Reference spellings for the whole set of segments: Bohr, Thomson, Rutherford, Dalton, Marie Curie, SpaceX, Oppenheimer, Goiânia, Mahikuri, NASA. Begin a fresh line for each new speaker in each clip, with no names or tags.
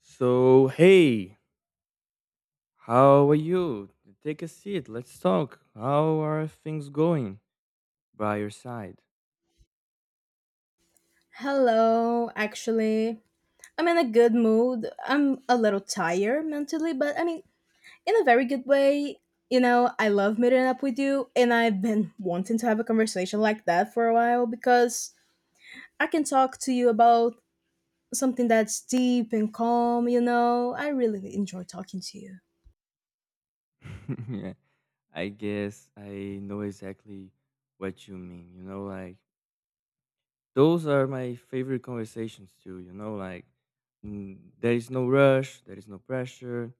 So, hey, how are you? Take a seat. Let's talk. How are things going by your side?
Hello, actually. I'm in a good mood. I'm a little tired mentally, but I mean, in a very good way. I love meeting up with you, and I've been wanting to have a conversation like that for a while because I can talk to you about something that's deep and calm. I really enjoy talking to you.
Yeah, I guess I know exactly what you mean. You know, like those are my favorite conversations too. You know, there is no rush, there is no pressure,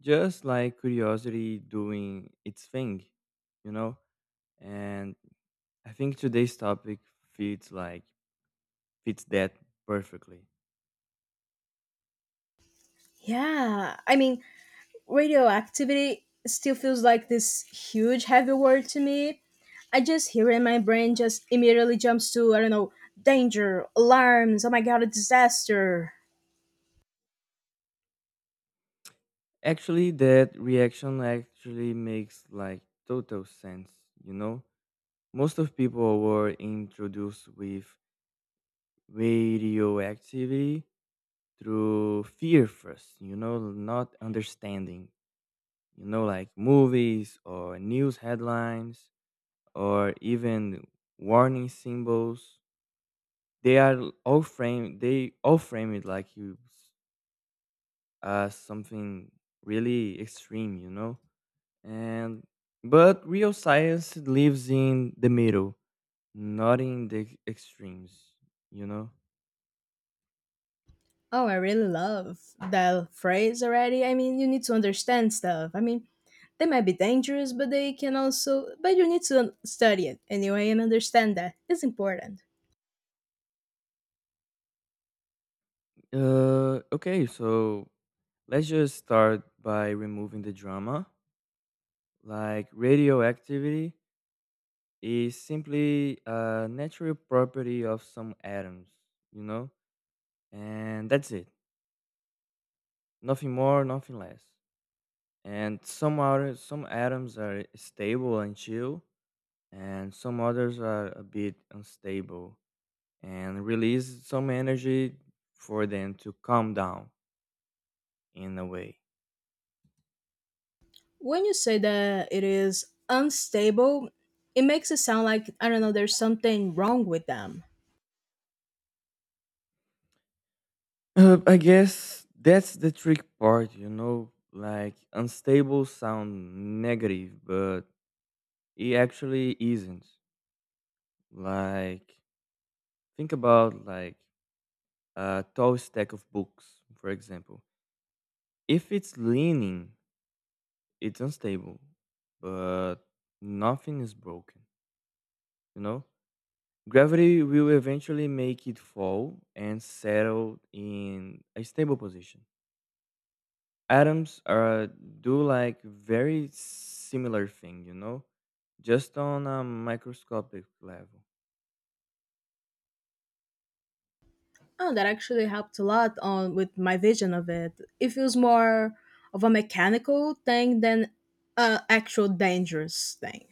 just like curiosity doing its thing, you know? And I think today's topic fits like fits that perfectly.
Yeah, I mean, radioactivity still feels like this huge heavy word to me. I just hear it in my brain just immediately jumps to, I don't know, danger, alarms, oh my god, a disaster.
Actually, that reaction actually makes like total sense, you know? Most of people were introduced with radioactivity through fear first, you know, not understanding, you know, like movies or news headlines or even warning symbols. They all frame it as something really extreme, you know? And but real science lives in the middle, not in the extremes, you know?
Oh, I really love that phrase already. I mean, you need to understand stuff. I mean, they might be dangerous, but they can also but you need to study it anyway and understand that. It's important.
Okay, so let's just start by removing the drama. Like radioactivity is simply a natural property of some atoms, you know? And that's it. Nothing more, nothing less. And some atoms are stable and chill, and some others are a bit unstable and release some energy for them to calm down in a way.
When you say that it is unstable, it makes it sound like, I don't know, there's something wrong with them.
I guess that's the trick part, you know, like unstable sound negative, but it actually isn't. Like think about a tall stack of books, for example. If it's leaning, it's unstable, but nothing is broken, you know? Gravity will eventually make it fall and settle in a stable position. Atoms are do like very similar thing, you know, just on a microscopic level.
Oh, that actually helped a lot on with my vision of it. It feels more of a mechanical thing than a actual dangerous thing.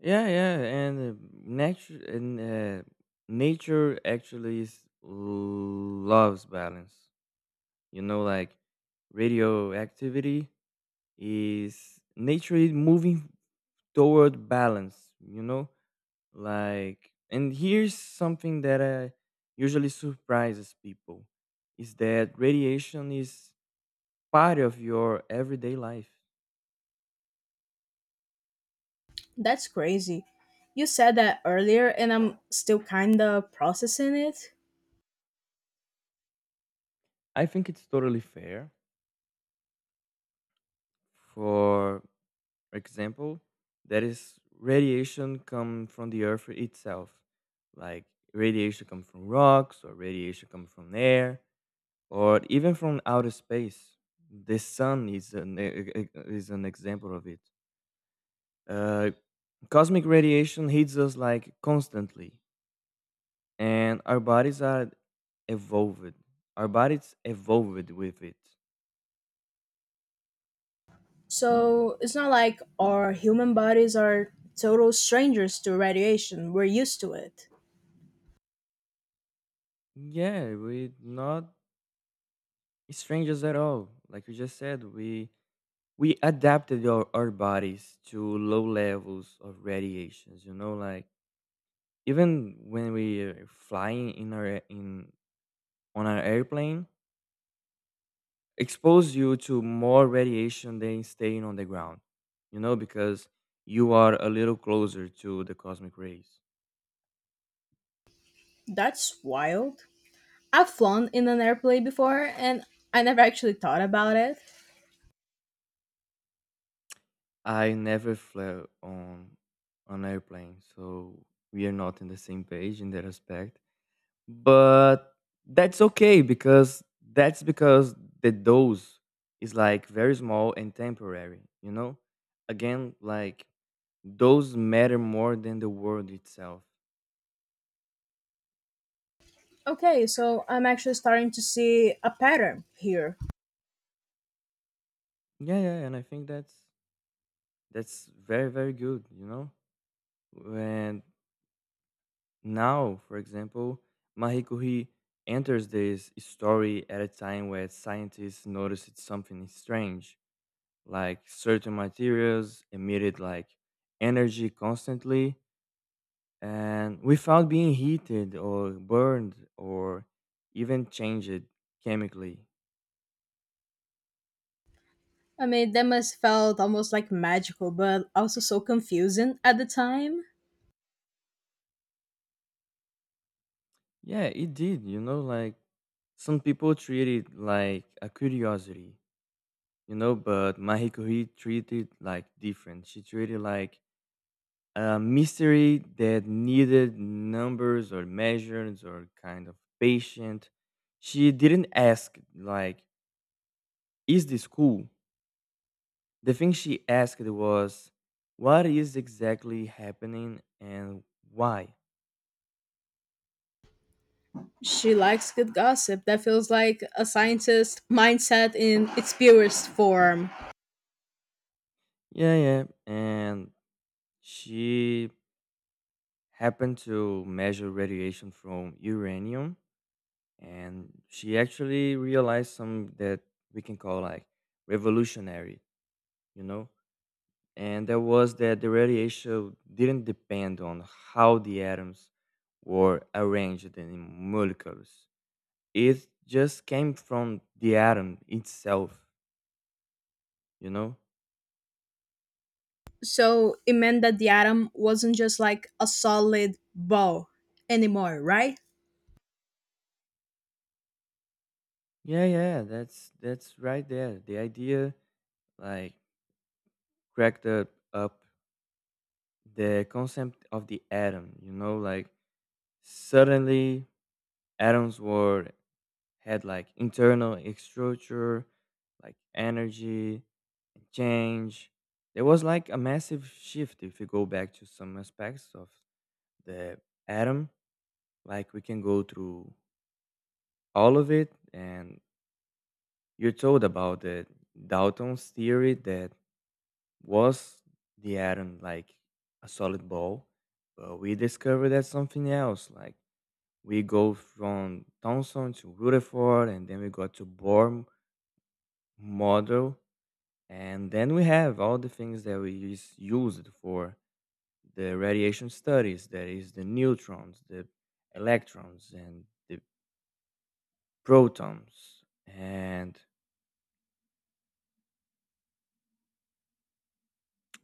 Yeah, yeah, and nature actually is, loves balance. You know, like radioactivity is nature is moving toward balance. You know, like, and here's something that usually surprises people is that radiation is part of your everyday life.
That's crazy. You said that earlier and I'm still kind of processing it.
I think it's totally fair. For example, that is radiation come from the earth itself. Like radiation come from rocks or radiation come from air or even from outer space. The sun is an e- e- e, is an example of it. Uh, Cosmic radiation hits us like constantly, and our bodies are evolved. Our bodies evolved with it.
So, it's not like our human bodies are total strangers to radiation. We're used to it.
Yeah, we're not strangers at all. Like you just said, we adapted our bodies to low levels of radiations. You know, like even when we are flying in our in on our airplane, expose you to more radiation than staying on the ground, you know, because you are a little closer to the cosmic rays.
That's wild. I've flown in an airplane before and I never actually thought about it.
I never flew on an airplane, so we are not in the same page in that respect. But that's okay because the dose is like very small and temporary, you know? Again, like those matter more than the world itself.
Okay, so I'm actually starting to see a pattern here.
Yeah, yeah, and I think that's very, very good, you know? And now, for example, Marie Curie enters this story at a time where scientists noticed something strange, like certain materials emitted like energy constantly and without being heated or burned or even changed chemically.
I mean, that must felt almost like magical, but also so confusing at the time.
Yeah, it did, you know, like some people treat it like a curiosity, you know, but Mahiko treated like different. She treated like a mystery that needed numbers or measures or kind of patient. She didn't ask like, "Is this cool?" The thing she asked was, "What is exactly happening and why?"
She likes good gossip. That feels like a scientist mindset in its purest form.
Yeah, yeah, and she happened to measure radiation from uranium and she actually realized some that we can call like revolutionary, you know, and that was that the radiation didn't depend on how the atoms were arranged in molecules. It just came from the atom itself, you know.
So it meant that the atom wasn't just like a solid ball anymore, right?
Yeah, yeah, that's right there the idea like cracked up the concept of the atom, you know, like suddenly atoms were had like internal structure, like energy and change. There was like a massive shift if you go back to some aspects of the atom. Like we can go through all of it, and you're told about the Dalton's theory that was the atom like a solid ball, but we discovered that something else. Like we go from Thomson to Rutherford, and then we got to Bohr model. And then we have all the things that we used for the radiation studies, that is the neutrons, the electrons, and the protons. And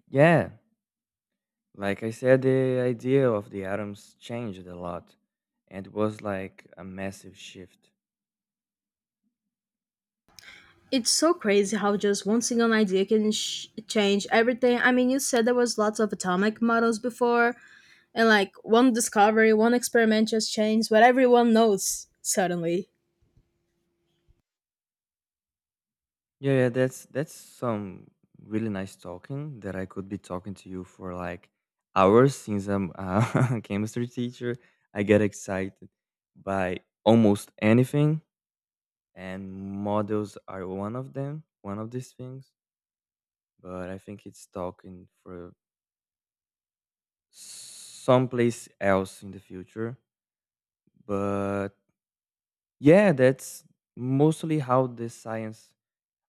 yeah, like I said, the idea of the atoms changed a lot, and it was like a massive shift.
It's so crazy how just one single idea can change everything. I mean, you said there was lots of atomic models before, and like one discovery, one experiment just changed what everyone knows suddenly.
Yeah, yeah, that's some really nice talking that I could be talking to you for like hours since I'm a chemistry teacher. I get excited by almost anything, and models are one of these things. But I think it's talking for someplace else in the future. But yeah, that's mostly how the science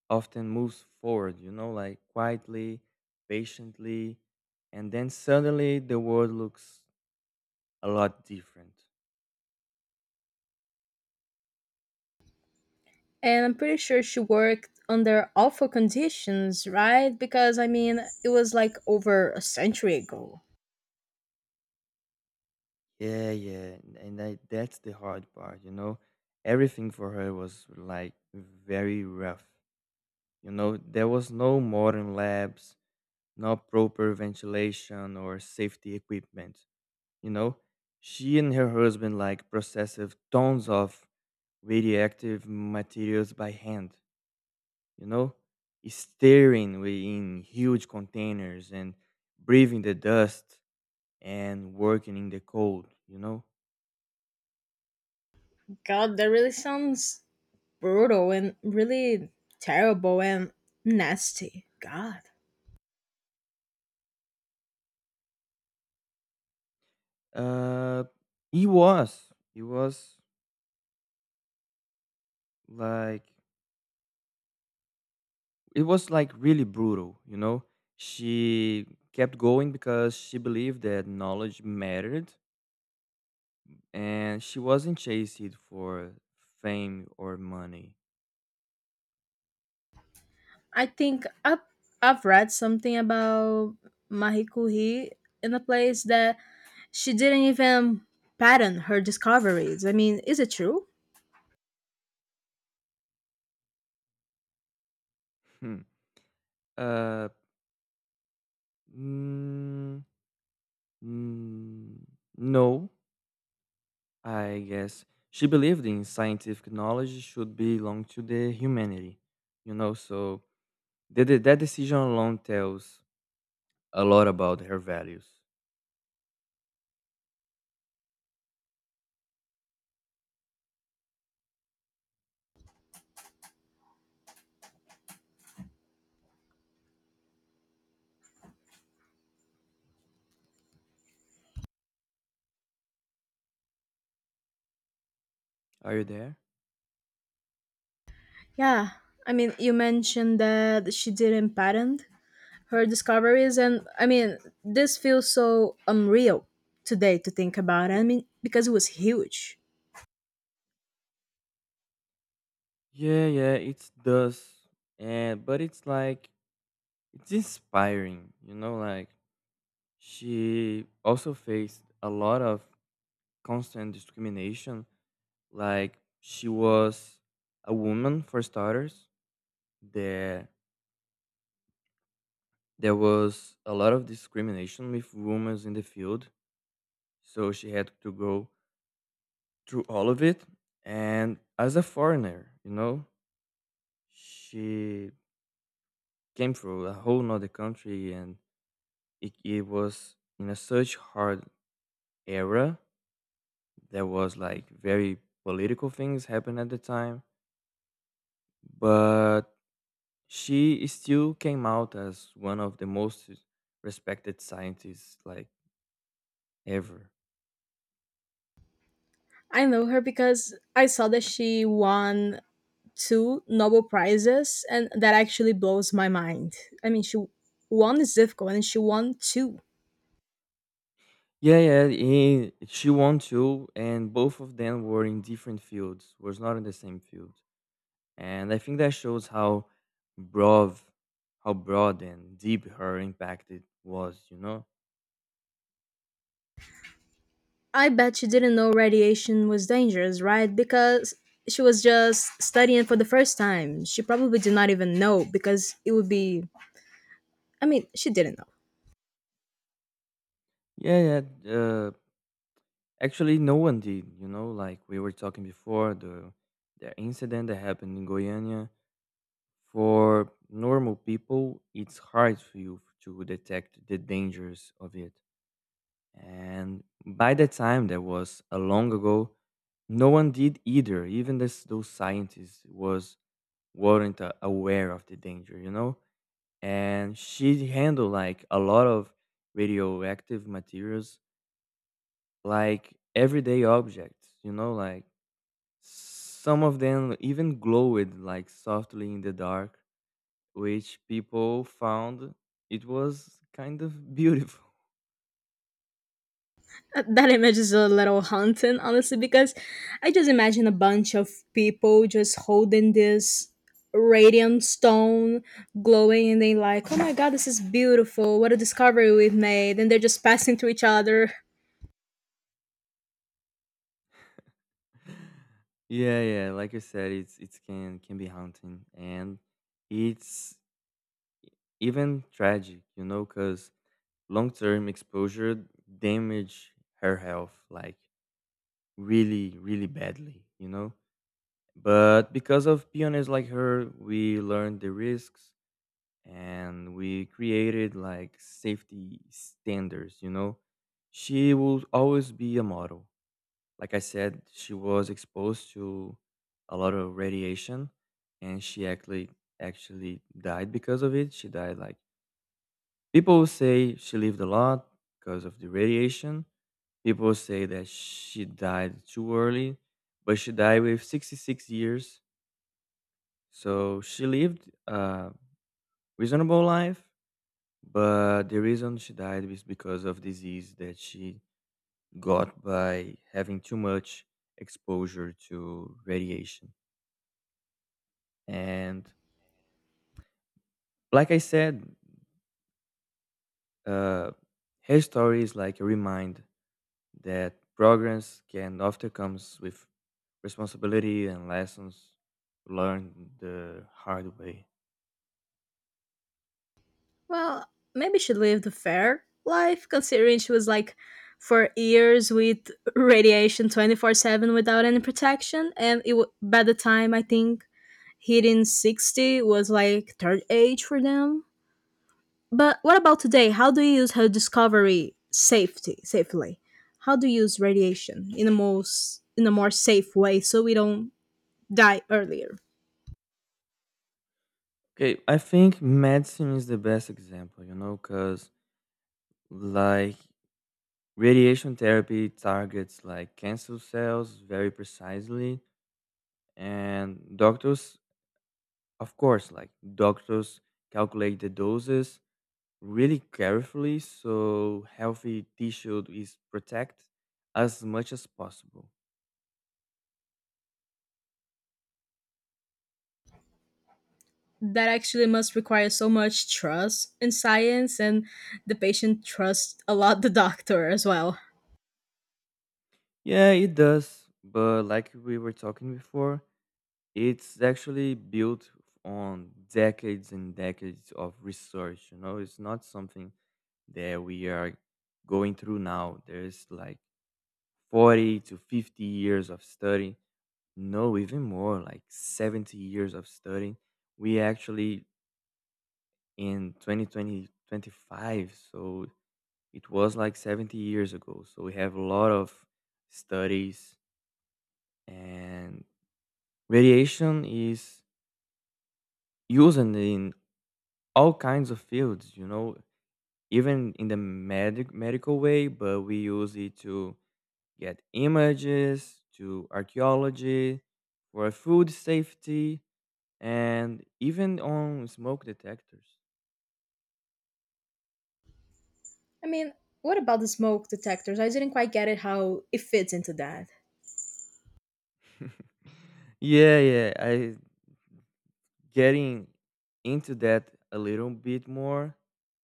often moves forward, you know, like quietly, patiently, and then suddenly the world looks a lot different.
And I'm pretty sure she worked under awful conditions, right? Because I mean, it was like over a century ago.
Yeah, yeah, that's the hard part, you know. Everything for her was like very rough. You know, there was no modern labs, no proper ventilation or safety equipment. You know, she and her husband like processed tons of radioactive materials by hand, you know, in huge containers and breathing the dust and working in the cold, you know.
God, that really sounds brutal and really terrible and nasty. God.
Uh, it was like, it was like really brutal, you know. She kept going because she believed that knowledge mattered and she wasn't chasing for fame or money.
I think I've read something about Marie Curie in a place that she didn't even patent her discoveries. I mean, is it true?
Hmm. Uh, mm, mm, no, I guess she believed in scientific knowledge should belong to the humanity, you know, so that decision alone tells a lot about her values. Are you there?
Yeah, I mean, you mentioned that she didn't patent her discoveries, and I mean, this feels so unreal today to think about. I mean, because it was huge.
Yeah, yeah, it does. And but it's like it's inspiring, you know, like she also faced a lot of constant discrimination. Like she was a woman for starters. That There was a lot of discrimination with women in the field, so she had to go through all of it. And as a foreigner, you know, she came from a whole nother country, and it was in a such hard era. There was like very political things happening at the time, but she still came out as one of the most respected scientists like ever.
I know her because I saw that she won two Nobel Prizes, and that actually blows my mind. I mean, she one is difficult, and she won two.
Yeah, yeah, and she won too, and both of them were in different fields, was not in the same field. And I think that shows how broad, how broad and deep her impact it was, you know?
I bet she didn't know radiation was dangerous, right? Because she was just studying for the first time. She probably did not even know because it would be I mean, she didn't know.
Yeah, yeah. Actually, no one did, you know, like we were talking before, the incident that happened in Goiânia. For normal people, it's hard for you to detect the dangers of it. And by the time that was a long ago, no one did either. Even this, those scientists was weren't aware of the danger, you know. And she handled like a lot of radioactive materials, like everyday objects, you know, like some of them even glowed like softly in the dark, which people found it was kind of beautiful.
That image is a little haunting, honestly, because I just imagine a bunch of people just holding this radium stone glowing and they like, oh my god, this is beautiful. What a discovery we've made. And they're just passing to each other.
Yeah, yeah. Like you said, it's can be haunting, and it's even tragic, you know, because long term exposure damage her health like really, really badly, you know. But because of pioneers like her, we learned the risks and we created like safety standards, you know. She will always be a model. Like I said, she was exposed to a lot of radiation, and she actually died because of it. She died like people say she lived a lot because of the radiation. People say that she died too early, but she died with 66 years. So she lived a reasonable life, but the reason she died is because of disease that she got by having too much exposure to radiation. And like I said, uh, her story is like a reminder that progress can often comes with responsibility and lessons learned the hard way.
Well, maybe she lived a fair life, considering she was like for years with radiation 24/7 without any protection. And it, by the time I think hitting 60 was like third age for them. But what about today? How do you use her discovery safety safely? How do you use radiation in a more safe way so we don't die earlier?
Okay, I think medicine is the best example, you know, because like radiation therapy targets like cancer cells very precisely, and doctors, of course, like doctors calculate the doses really carefully so healthy tissue is protected as much as possible.
That actually must require so much trust in science and the patient trusts a lot the doctor as well.
Yeah, it does, but like we were talking before, it's actually built on decades and decades of research, you know, it's not something that we are going through now. There's like 40 to 50 years of study, no, even more, like 70 years of study. We actually in 2020, so it was like 70 years ago, so we have a lot of studies. And radiation is used in all kinds of fields, you know, even in the medical way, but we use it to get images to archaeology, for food safety, and even on smoke detectors.
I mean, what about the smoke detectors? I didn't quite get it how it fits into that.
yeah yeah I getting into that a little bit more,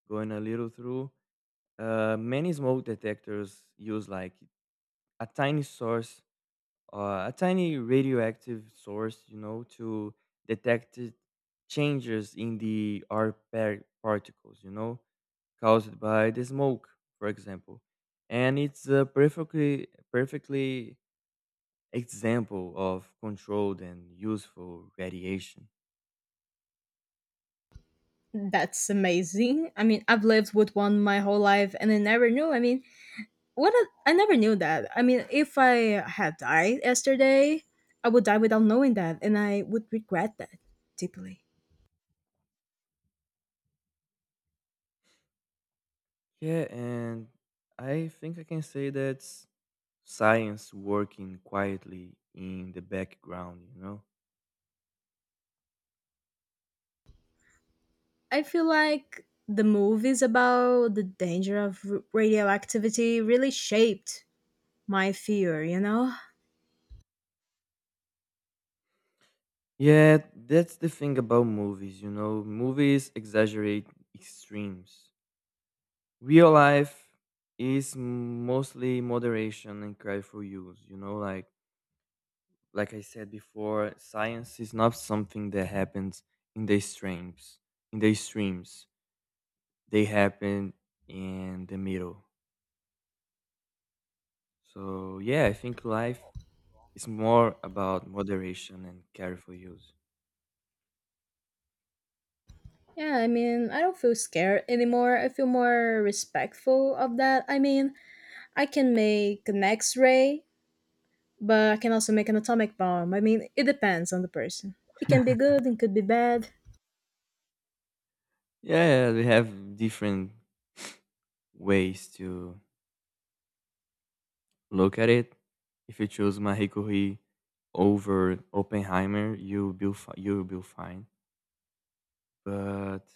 going a little through, many smoke detectors use like a tiny source, a tiny radioactive source, you know, to detect changes in the particles, you know, caused by the smoke, for example. And it's a perfectly example of controlled and useful radiation.
That's amazing. I mean, I've lived with one my whole life and I never knew. I mean, what a, I never knew that. I mean, if I had died yesterday, I would die without knowing that, and I would regret that deeply.
Yeah, and I think I can say that's science working quietly in the background, you know?
I feel like the movies about the danger of radioactivity really shaped my fear, you know?
Yeah, that's the thing about movies, you know? Movies exaggerate extremes. Real life is mostly moderation and careful use, you know? Like I said before, science is not something that happens in the extremes. In the extremes. They happen in the middle. So yeah, I think life is more about moderation and careful use.
Yeah, I mean, I don't feel scared anymore. I feel more respectful of that. I mean, I can make an x ray, but I can also make an atomic bomb. I mean, it depends on the person. It can be good and could be bad.
Yeah, we have different ways to look at it. If you choose Mahikuri over Oppenheimer, you will be fine. But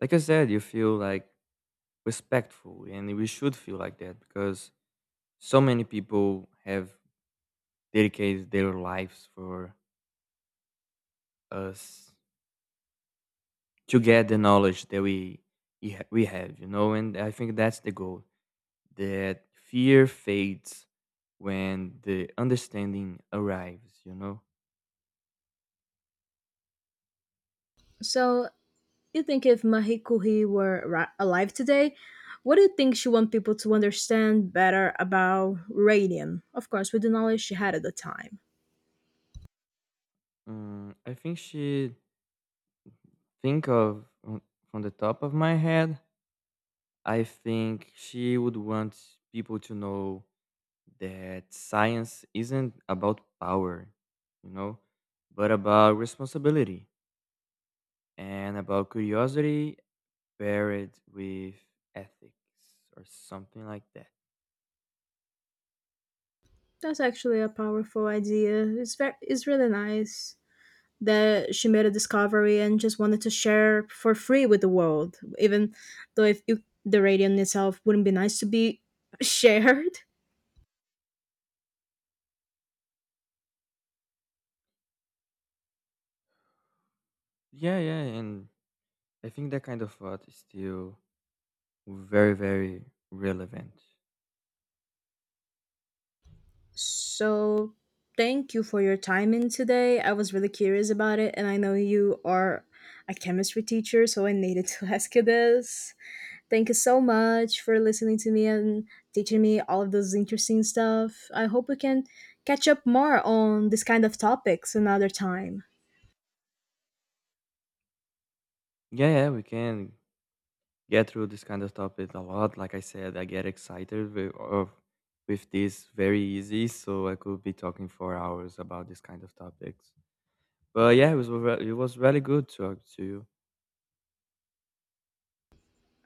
like I said, you feel like respectful, and we should feel like that because so many people have dedicated their lives for us to get the knowledge that we have, you know, and I think that's the goal. That fear fades when the understanding arrives, you know.
So, you think if Marie Curie were alive today, what do you think she want people to understand better about radium? Of course, with the knowledge she had at the time.
I think she think of from the top of my head. I think she would want people to know that science isn't about power, you know, but about responsibility and about curiosity paired with ethics or something like that.
That's actually a powerful idea. It's very, it's really nice that she made a discovery and just wanted to share for free with the world. Even though if you, the radium itself wouldn't be nice to be shared,
Yeah, yeah, and I think that kind of thought is still very, very relevant.
So, thank you for your time in today. I was really curious about it, and I know you are a chemistry teacher, so I needed to ask you this. Thank you so much for listening to me and teaching me all of those interesting stuff. I hope we can catch up more on this kind of topics another time.
Yeah, yeah, we can get through this kind of topic a lot. Like I said, I get excited with this very easy, so I could be talking for hours about this kind of topics. But yeah, it was really good to talk to you.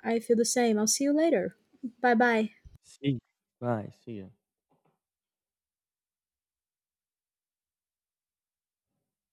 I feel the same. I'll see you later. Bye bye.
See, you. Bye, see you.